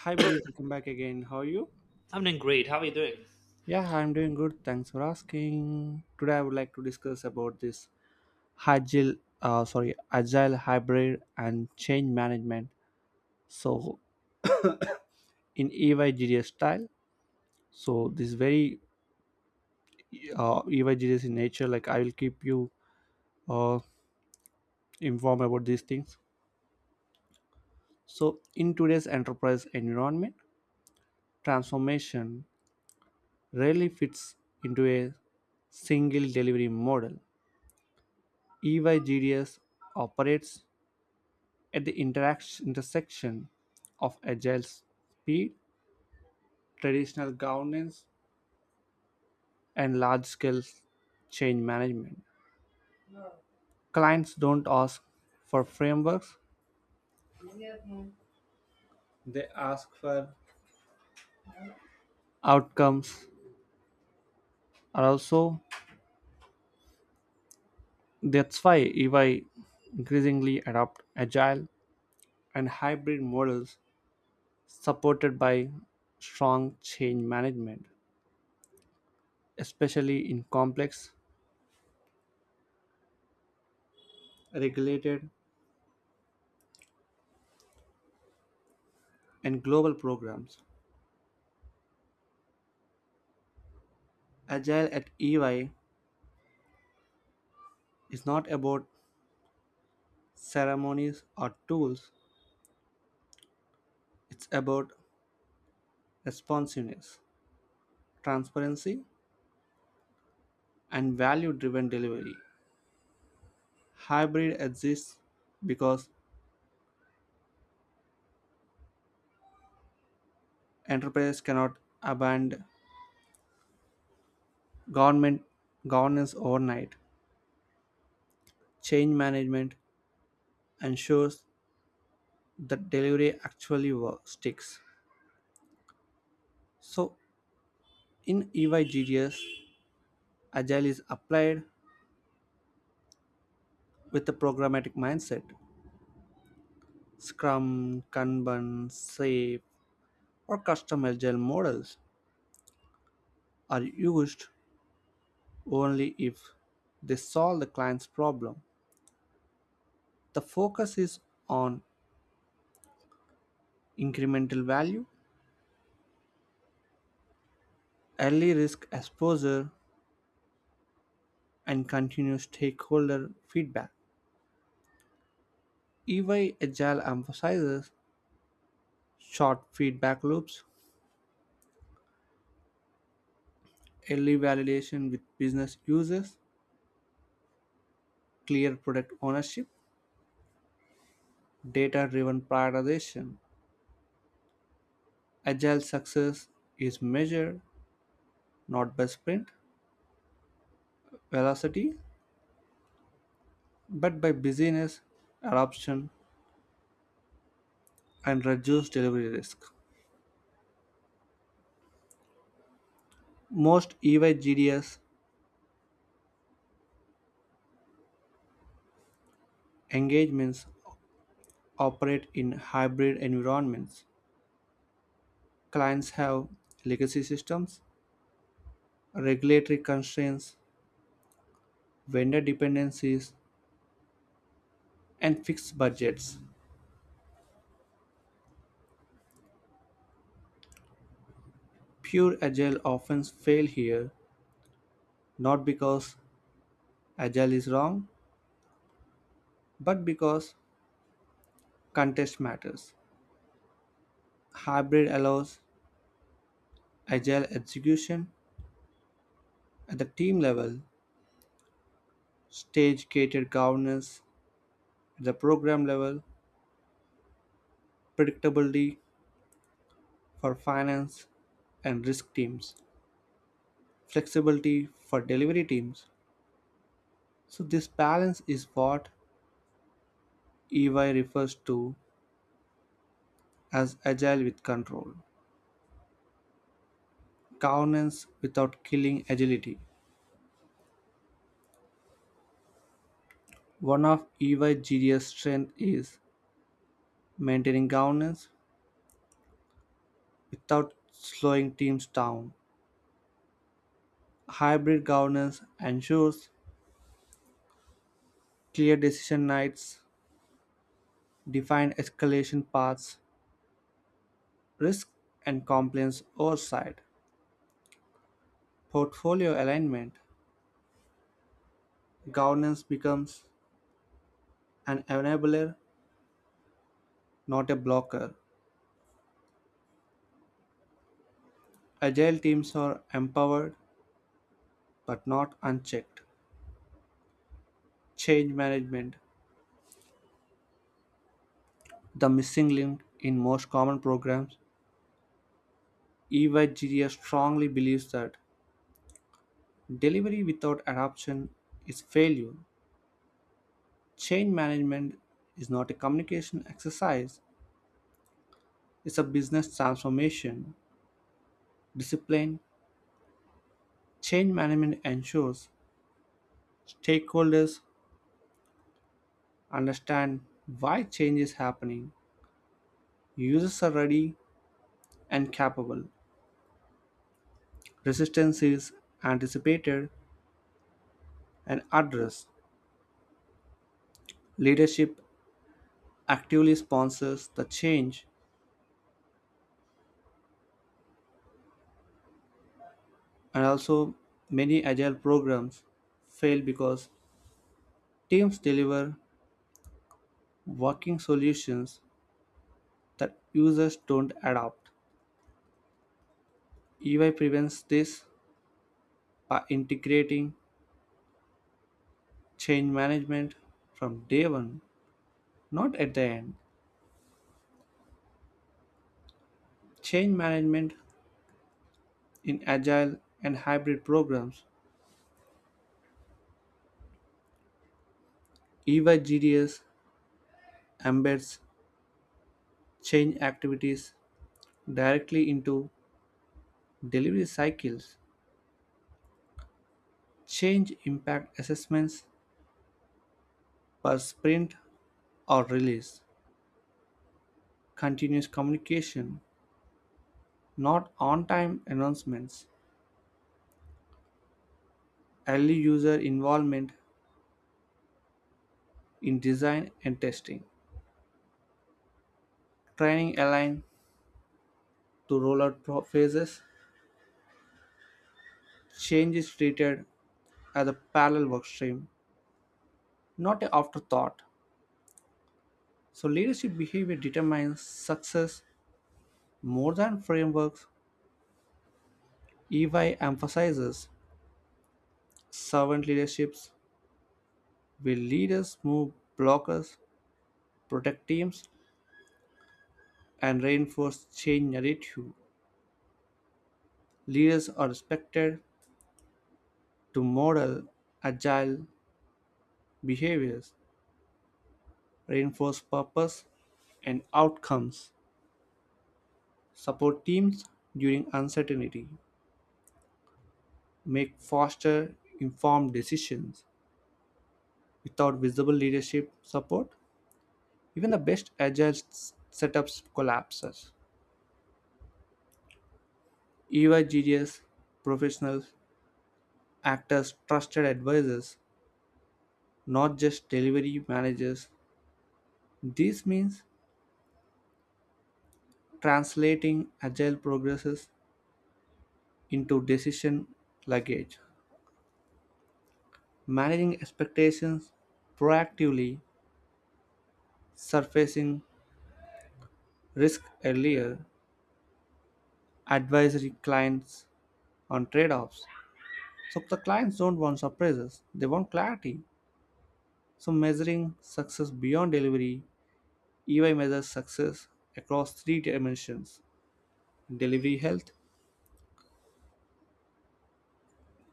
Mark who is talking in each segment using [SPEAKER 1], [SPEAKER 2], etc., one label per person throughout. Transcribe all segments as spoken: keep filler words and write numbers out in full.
[SPEAKER 1] Hi, buddy. Welcome back again. How are you?
[SPEAKER 2] I'm doing great. How are you doing?
[SPEAKER 1] Yeah, I'm doing good. Thanks for asking. Today, I would like to discuss about this agile, uh, sorry, agile, hybrid, and change management. So, in E Y G D S style, so this very uh, E Y G D S in nature. Like I will keep you uh, informed about these things. So, in today's enterprise environment, transformation rarely fits into a single delivery model. E Y G D S operates at the interacts intersection of agile speed, traditional governance, and large scale change management. Clients don't ask for frameworks, they ask for outcomes. And also, that's why E Y increasingly adopt agile and hybrid models supported by strong change management, especially in complex, regulated, and global programs. Agile at E Y, it's not about ceremonies or tools, it's about responsiveness, transparency, and value driven delivery. Hybrid exists because enterprises cannot abandon government governance overnight. Change management ensures that delivery actually works, sticks. So, in E Y G G S, agile is applied with a programmatic mindset. Scrum, Kanban, SAFe, or custom agile models are used only if they solve the client's problem. The focus is on incremental value, early risk exposure, and continuous stakeholder feedback. E Y Agile emphasizes short feedback loops, early validation with business users, clear product ownership, data driven prioritization. Agile success is measured not by sprint velocity but by busyness, adoption, and reduced delivery risk. Most E Y G D S engagements operate in hybrid environments. Clients have legacy systems, regulatory constraints, vendor dependencies, and fixed budgets. Pure agile often fail here, not because agile is wrong, but because context matters. Hybrid allows agile execution at the team level, stage gated governance at the program level, predictability for finance and risk teams, flexibility for delivery teams. So, this balance is what E Y refers to as agile with control, governance without killing agility. One of E Y G D S strengths is maintaining governance without slowing teams down. Hybrid governance ensures clear decision nights, defined escalation paths, risk and compliance oversight, portfolio alignment. Governance becomes an enabler, not a blocker. Agile teams are empowered but not unchecked. Change management, the missing link in most common programs. E Y G D S strongly believes that delivery without adoption is failure. Change management is not a communication exercise, it's a business transformation. Discipline, change management ensures stakeholders understand why change is happening. Users are ready and capable. Resistance is anticipated and addressed. Leadership actively sponsors the change, and also many agile programs fail because teams deliver working solutions that users don't adopt. E Y prevents this by integrating change management from day one, not at the end. Change management in agile and hybrid programs, E Y G D S embeds change activities directly into delivery cycles. Change impact assessments per sprint or release, continuous communication, not on time announcements, early user involvement in design and testing, training aligned to rollout phases. Change is treated as a parallel workstream, not an afterthought. So, leadership behavior determines success more than frameworks. E Y emphasizes servant leaderships, where leaders move blockers, protect teams, and reinforce change narrative. Leaders are expected to model agile behaviors, reinforce purpose and outcomes, support teams during uncertainty, make faster informed decisions. Without visible leadership support, even the best agile s- setups collapses. E Y G D S professionals act as trusted advisors, not just delivery managers. This means translating agile progresses into decision luggage, managing expectations proactively, surfacing risk earlier, advisory clients on trade offs. So the clients don't want surprises, they want clarity. So, measuring success beyond delivery, E Y measures success across three dimensions: delivery health,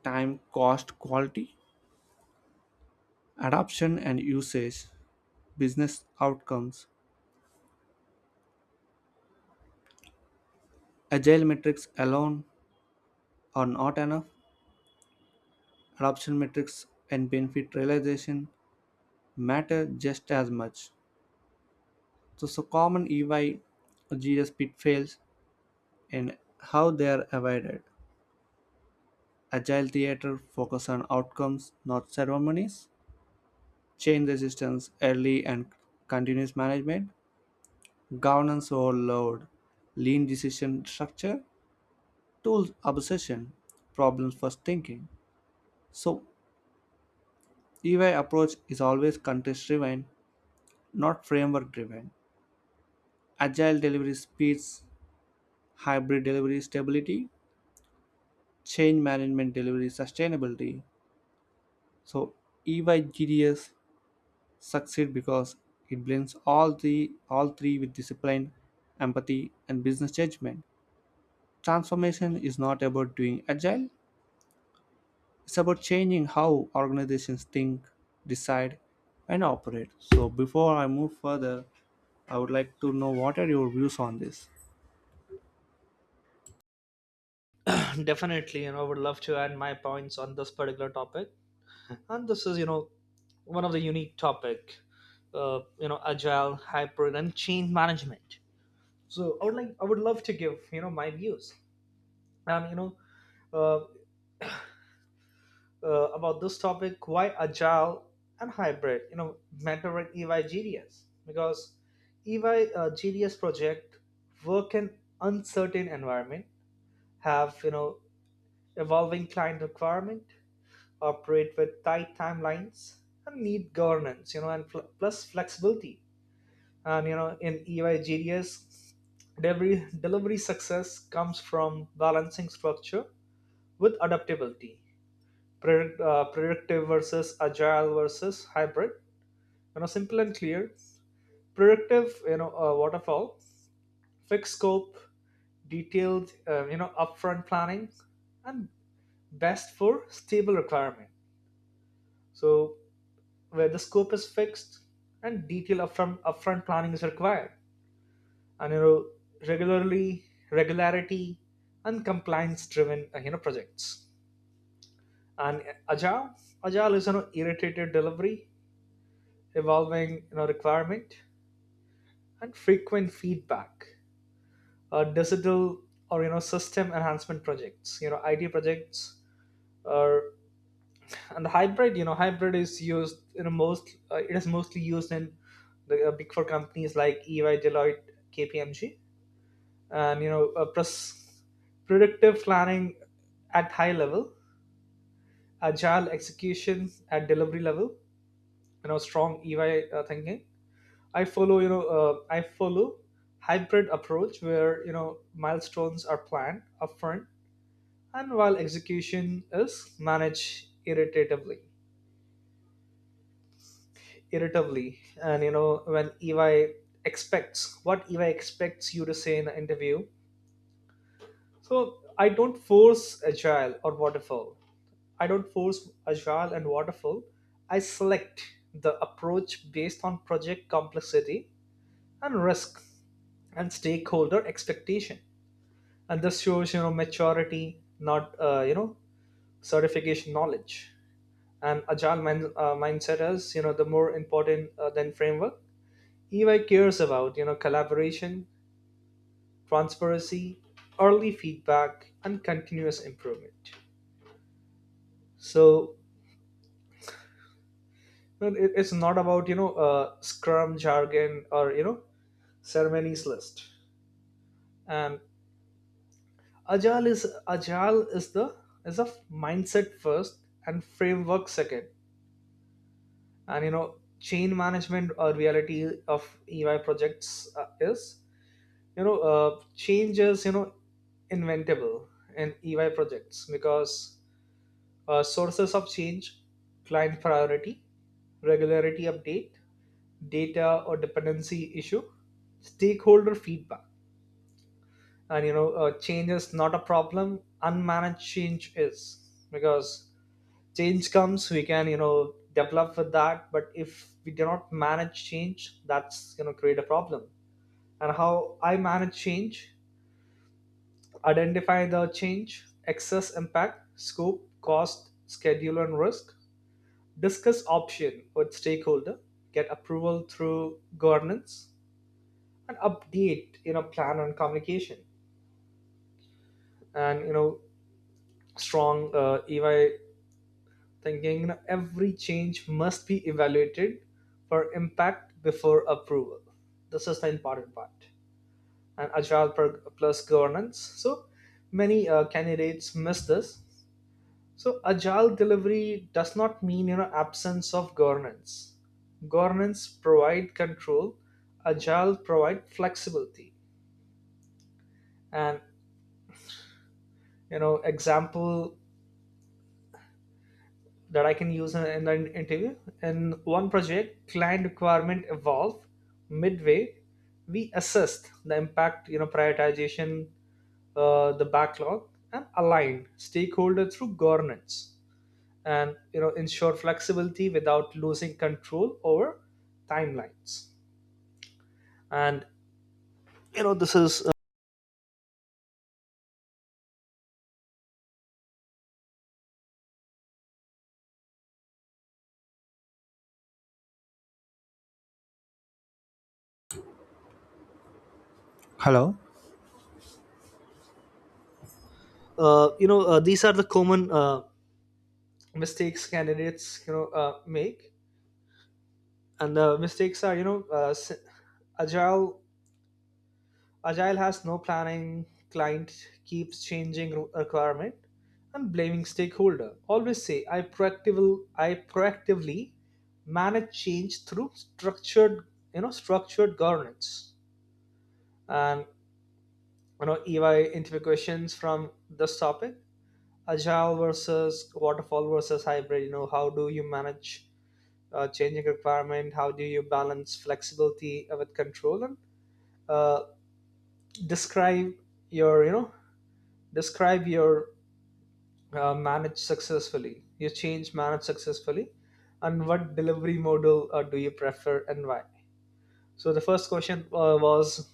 [SPEAKER 1] time, cost, quality, adoption, and usage, business outcomes. Agile metrics alone are not enough. Adoption metrics and benefit realization matter just as much. So, so common E Y or G S pitfalls and how they are avoided. Agile theater, focus on outcomes, not ceremonies. Change resistance, early and continuous management. Governance overload, lean decision structure. Tools obsession, problems first thinking. So, E Y approach is always context driven, not framework driven. Agile delivery speeds, hybrid delivery stability, change management delivery sustainability. So, E Y G D S succeed because it blends all the all three with discipline, empathy, and business judgment. Transformation is not about doing agile, it's about changing how organizations think, decide, and operate. So before I move further, I would like to know what are your views on this?
[SPEAKER 2] Definitely, you know, I would love to add my points on this particular topic. And this is, you know, one of the unique topic, uh, you know, agile, hybrid, and change management. So I would like, I would love to give, you know, my views and you know, uh, uh, about this topic, why agile and hybrid, you know, matter at E Y because E Y uh, G D S project work in uncertain environment have you know evolving client requirement, operate with tight timelines, and need governance, you know, and fl- plus flexibility. And you know, in E Y G D S, delivery, delivery success comes from balancing structure with adaptability, predict, uh, predictive versus agile versus hybrid. You know, simple and clear. Predictive, you know, uh, waterfall, fixed scope, detailed, uh, you know, upfront planning, and best for stable requirement. So where the scope is fixed and detailed upfront, upfront planning is required and you know regularly regularity and compliance driven uh, you know projects and agile agile is you know iterative delivery evolving you know requirement and frequent feedback, uh, digital or you know system enhancement projects, you know id projects are, and the hybrid, you know hybrid is used in a most uh, it is mostly used in the uh, big four companies like E Y, Deloitte, KPMG, and you know, uh, plus predictive planning at high level, agile execution at delivery level. You know strong E Y uh, thinking. i follow you know uh, I follow hybrid approach where you know milestones are planned upfront and while execution is managed iteratively irritably. And you know when ey expects what E Y expects you to say in the interview. So i don't force agile or waterfall I don't force agile and waterfall. I select the approach based on project complexity and risk and stakeholder expectation, and this shows you know maturity, not uh, you know certification knowledge. And agile mind, uh, mindset is you know the more important uh, than framework. E Y cares about, you know, collaboration, transparency, early feedback, and continuous improvement. So you know, it- it's not about you know uh, Scrum jargon or you know ceremonies list. And agile is agile is the is a mindset first and framework second. And you know chain management or reality of E Y projects uh, is you know, uh, changes you know inventable in E Y projects because Uh, sources of change, client priority, regularity update, data or dependency issue, stakeholder feedback. And you know, uh, change is not a problem. Unmanaged change is, because change comes, we can you know develop with that. But if we do not manage change, that's gonna create a problem. And how I manage change: identify the change, excess impact, scope, cost, schedule, and risk, discuss option with stakeholder, get approval through governance, and update you know plan on communication. And you know strong uh, E Y thinking. You know, every change must be evaluated for impact before approval. This is the important part. And agile pro- plus governance. So many uh, candidates miss this. So agile delivery does not mean you know absence of governance. Governance provide control, agile provide flexibility. And you know, example that I can use in in the interview: in one project, client requirement evolve midway. We assessed the impact, you know, prioritization, uh, the backlog, and align stakeholder through governance, and you know ensure flexibility without losing control over timelines. And you know this is uh,
[SPEAKER 1] Hello.
[SPEAKER 2] uh, you know uh, these are the common uh, mistakes candidates you know uh, make. And the mistakes are, you know, uh, s- agile agile has no planning, client keeps changing re- requirement, and blaming stakeholder. Always say i proactively I proactively manage change through structured you know structured governance. And you know E Y interview questions from this topic: agile versus waterfall versus hybrid, you know, how do you manage uh, changing requirement, how do you balance flexibility with control, and uh, describe your you know describe your uh, manage successfully you change manage successfully, and what delivery model uh, do you prefer and why. So the first question uh, was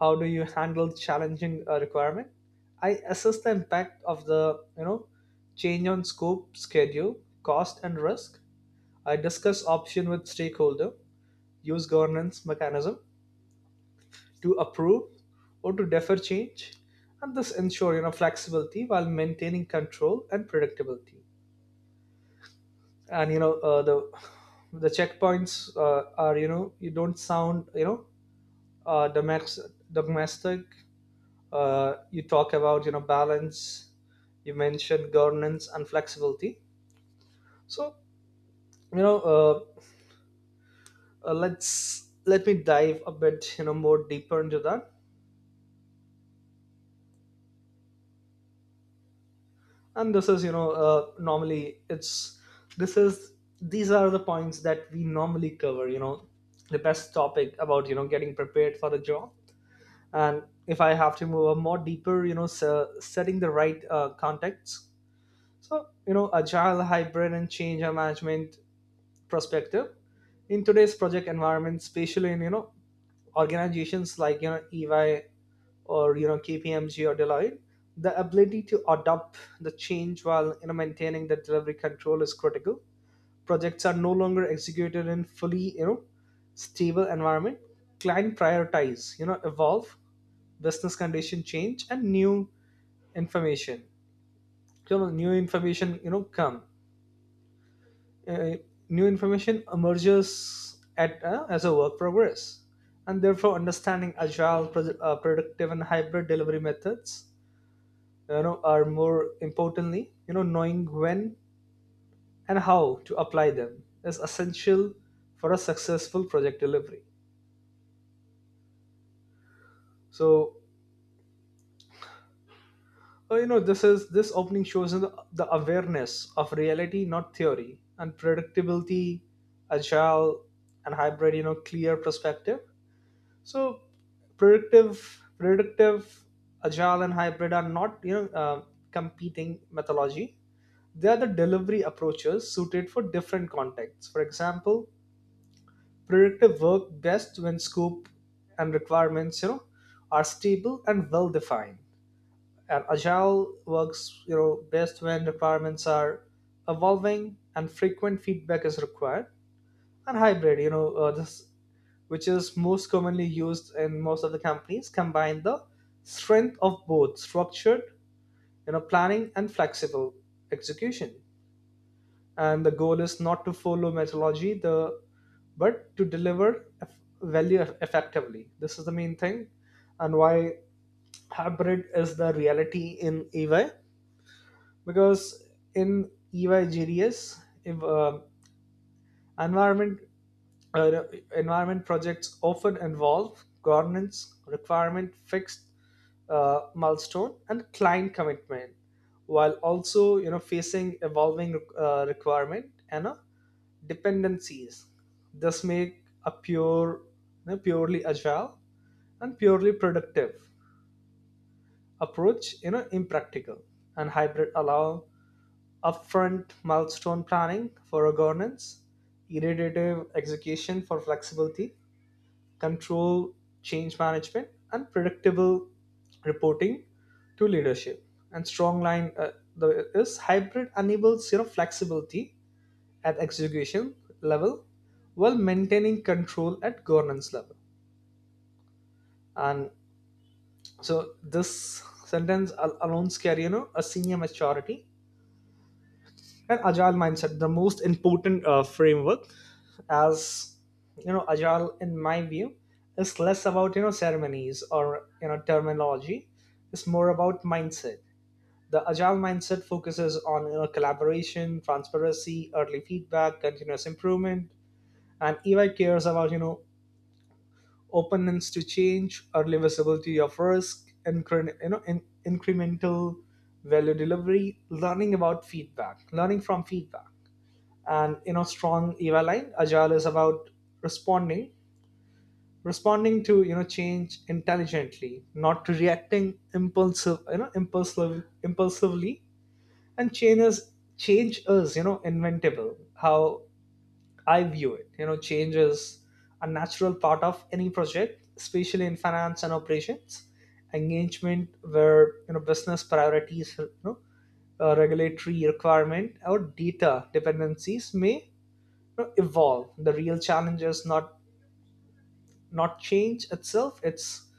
[SPEAKER 2] how do you handle challenging uh, requirement. I assess the impact of the you know change on scope, schedule, cost, and risk, I discuss option with stakeholder, use governance mechanism to approve or to defer change, and this ensure you know flexibility while maintaining control and predictability. And you know uh, the the checkpoints uh, are, you know, you don't sound, you know, uh, domex- domestic, uh, you talk about you know balance, you mentioned governance and flexibility. So you know, uh, uh, let's let me dive a bit you know more deeper into that. And this is, you know, uh, normally it's this is these are the points that we normally cover, you know, the best topic about you know getting prepared for the job. And if I have to move a more deeper, you know, se- setting the right uh, context. So you know agile, hybrid, and change management perspective. In today's project environment, especially in you know organizations like you know E Y or you know K P M G or Deloitte, the ability to adopt the change while you know maintaining the delivery control is critical. Projects are no longer executed in fully you know stable environment. Client prioritize you know evolve, business condition change, and new information. You know new information you know come uh, New information emerges at, uh, as a work progress, and therefore understanding agile pro- uh, productive and hybrid delivery methods, you know, are more importantly, you know, knowing when and how to apply them is essential for a successful project delivery. So uh, you know, this is this opening shows the, the awareness of reality, not theory, and predictability. Agile and hybrid, you know, clear perspective. So predictive, predictive, agile, and hybrid are not you know uh, competing methodology. They are the delivery approaches suited for different contexts. For example, predictive work best when scope and requirements you know are stable and well defined. And agile works you know best when requirements are evolving and frequent feedback is required. And hybrid, you know, uh, this which is most commonly used in most of the companies, combine the strength of both structured you know planning and flexible execution. And the goal is not to follow methodology the but to deliver eff- value eff- effectively. This is the main thing. And why hybrid is the reality in E Y? Because in E Y G D S, if, uh, environment Uh, environment projects often involve governance, requirement, fixed uh, milestone, and client commitment, while also you know facing evolving uh, requirement and uh, dependencies. This make a pure, you know, purely agile and purely productive approach you know impractical, and hybrid allow upfront milestone planning for a governance, iterative execution for flexibility, control change management, and predictable reporting to leadership. And strong line, uh, the, is hybrid enables you know flexibility at execution level while maintaining control at governance level. And so this sentence al- alone carry you know a senior maturity and agile mindset, the most important uh, framework. As you know agile in my view is less about you know ceremonies or you know terminology, it's more about mindset. The agile mindset focuses on, you know, collaboration, transparency, early feedback, continuous improvement. And EY cares about you know openness to change, early visibility of risk, incre- you know in- incremental value delivery, learning about feedback learning from feedback. And you know strong eva line: agile is about responding responding to you know change intelligently, not reacting impulsive you know impulsive impulsively. And change is change is you know inventable. How I view it: you know change is a natural part of any project, especially in finance and operations engagement, where you know business priorities you know, uh, regulatory requirement or data dependencies may you know evolve. The real challenge is not not change itself, it's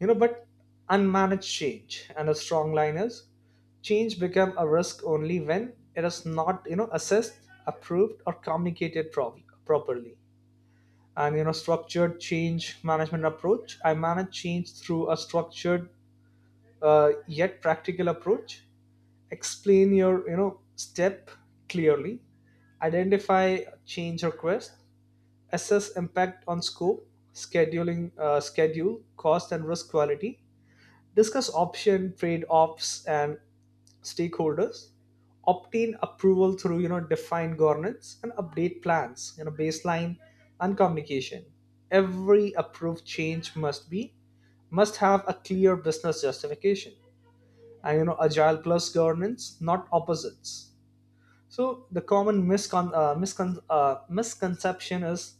[SPEAKER 2] you know but unmanaged change. And a strong line is: change become a risk only when it is not you know assessed, approved, or communicated prov- properly. And you know structured change management approach: I manage change through a structured uh, yet practical approach. Explain your, you know, step clearly: identify change request, assess impact on scope, scheduling, uh, schedule, cost, and risk quality, discuss option, trade-offs, and stakeholders, obtain approval through you know defined governance, and update plans, you know, baseline and communication. Every approved change must be must have a clear business justification. And you know agile plus governance, not opposites. So the common miscon- uh, miscon- uh, misconception is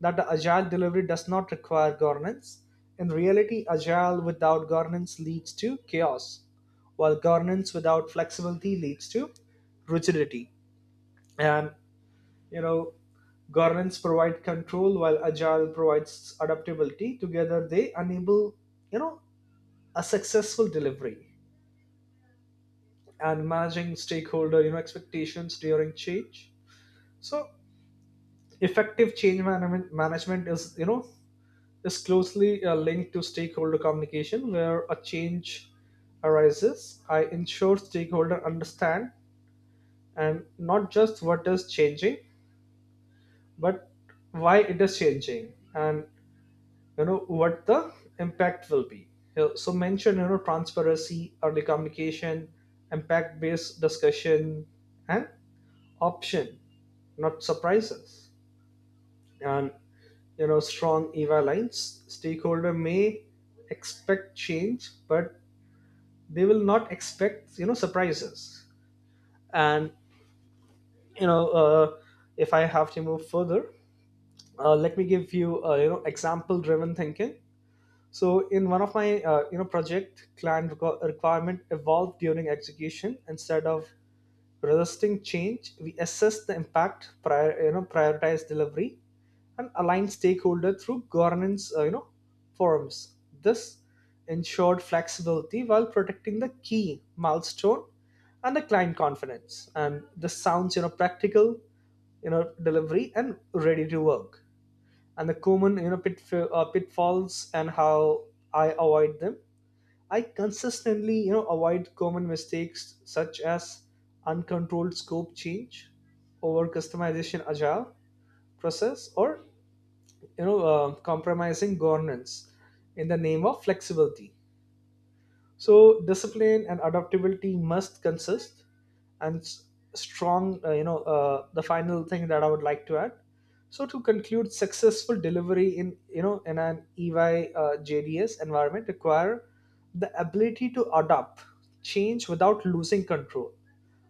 [SPEAKER 2] that the agile delivery does not require governance. In reality, agile without governance leads to chaos, while governance without flexibility leads to rigidity. And you know, governance provide control while agile provides adaptability. Together, they enable you know a successful delivery and managing stakeholder you know expectations during change. So effective change management management is you know is closely uh, linked to stakeholder communication. Where a change arises, I ensure stakeholder understand, and not just what is changing but why it is changing and you know what the impact will be. So so mention you know transparency, early communication, impact based discussion, and option, not surprises. And you know strong eva lines: stakeholder may expect change but they will not expect you know surprises. And you know, uh, if I have to move further, uh, let me give you, uh, you know, example driven thinking. So in one of my, uh, you know, project, client requ- requirement evolved during execution. Instead of resisting change, we assess the impact, prior you know prioritize delivery, and align stakeholders through governance, uh, you know, forums. This ensured flexibility while protecting the key milestone and the client confidence. And this sounds you know practical, you know, delivery and ready to work. And the common, you know, pitf- uh, pitfalls and how I avoid them: I consistently you know avoid common mistakes such as uncontrolled scope change, over customization agile process, or you know uh, compromising governance in the name of flexibility. So discipline and adaptability must consist. And s- strong, uh, you know uh, the final thing that I would like to add: so to conclude, successful delivery in you know in an E Y uh, J D S environment require the ability to adapt change without losing control.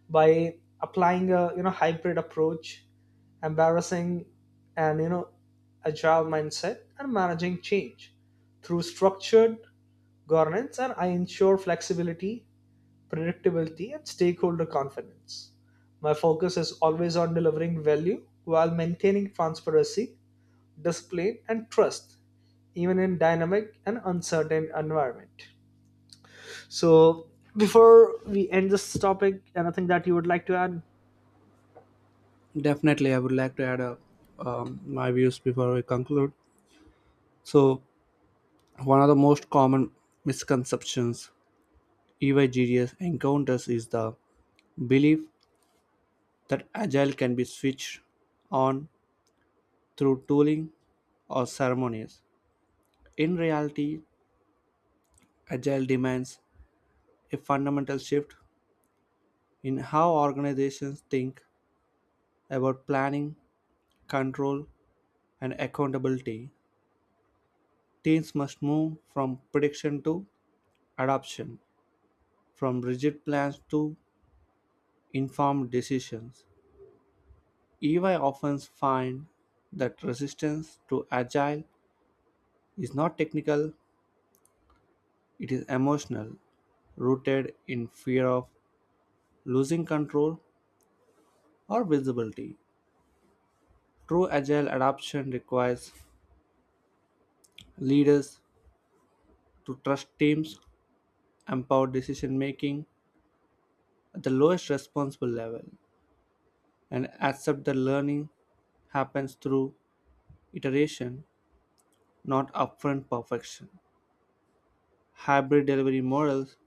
[SPEAKER 2] By applying a you know hybrid approach, embarrassing and you know agile mindset, and managing change through structured governance, and I ensure flexibility, predictability, and stakeholder confidence. My focus is always on delivering value while maintaining transparency, discipline, and trust, even in dynamic and uncertain environment. So before we end this topic, anything that you would like to add?
[SPEAKER 1] Definitely, I would like to add a, um, my views before we conclude. So, one of the most common misconceptions E Y G D S encounters is the belief that agile can be switched on through tooling or ceremonies. In reality, agile demands a fundamental shift in how organizations think about planning, control, and accountability. Teams must move from prediction to adoption, from rigid plans to informed decisions. E Y often find that resistance to agile is not technical, it is emotional, rooted in fear of losing control or visibility. True agile adoption requires leaders to trust teams, empower decision making at the lowest responsible level, and accept that learning happens through iteration, not upfront perfection. Hybrid delivery models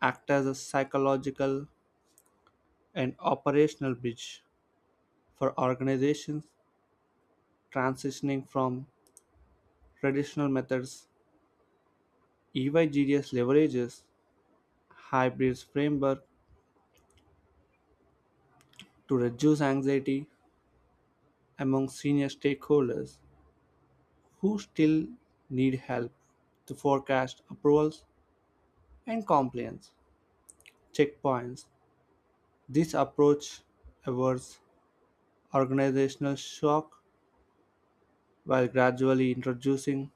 [SPEAKER 1] act as a psychological and operational bridge for organizations transitioning from traditional methods. E Y G D S leverages hybrids framework to reduce anxiety among senior stakeholders who still need help to forecast approvals and compliance checkpoints. This approach avoids organizational shock while gradually introducing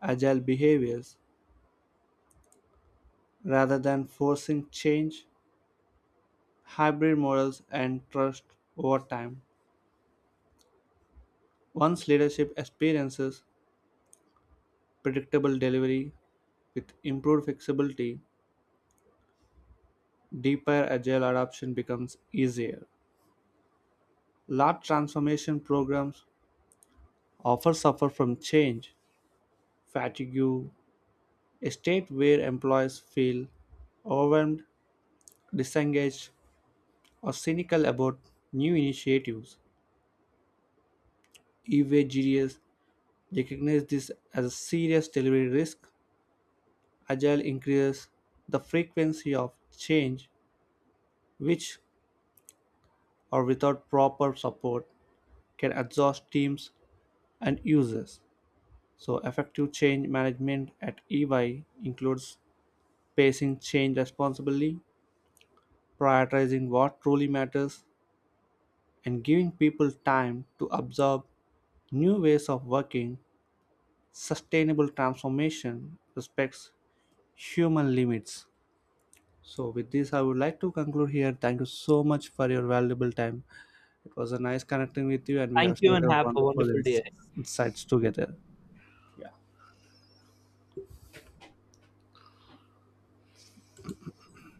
[SPEAKER 1] agile behaviors. Rather than forcing change, hybrid models, and trust over time. Once leadership experiences predictable delivery with improved flexibility, deeper agile adoption becomes easier. Large transformation programs often suffer from change fatigue, a state where employees feel overwhelmed, disengaged, or cynical about new initiatives. E V G D S recognize this as a serious delivery risk. Agile increases the frequency of change, which, or without proper support, can exhaust teams and users. So, effective change management at E Y includes pacing change responsibly, prioritizing what truly matters, and giving people time to absorb new ways of working. Sustainable transformation respects human limits. So, with this, I would like to conclude here. Thank you so much for your valuable time. It was a nice connecting with you, and we
[SPEAKER 2] Thank
[SPEAKER 1] have
[SPEAKER 2] you
[SPEAKER 1] shared
[SPEAKER 2] and
[SPEAKER 1] our
[SPEAKER 2] have a
[SPEAKER 1] wonderful
[SPEAKER 2] wonderful day
[SPEAKER 1] ins-
[SPEAKER 2] ahead.
[SPEAKER 1] insights together.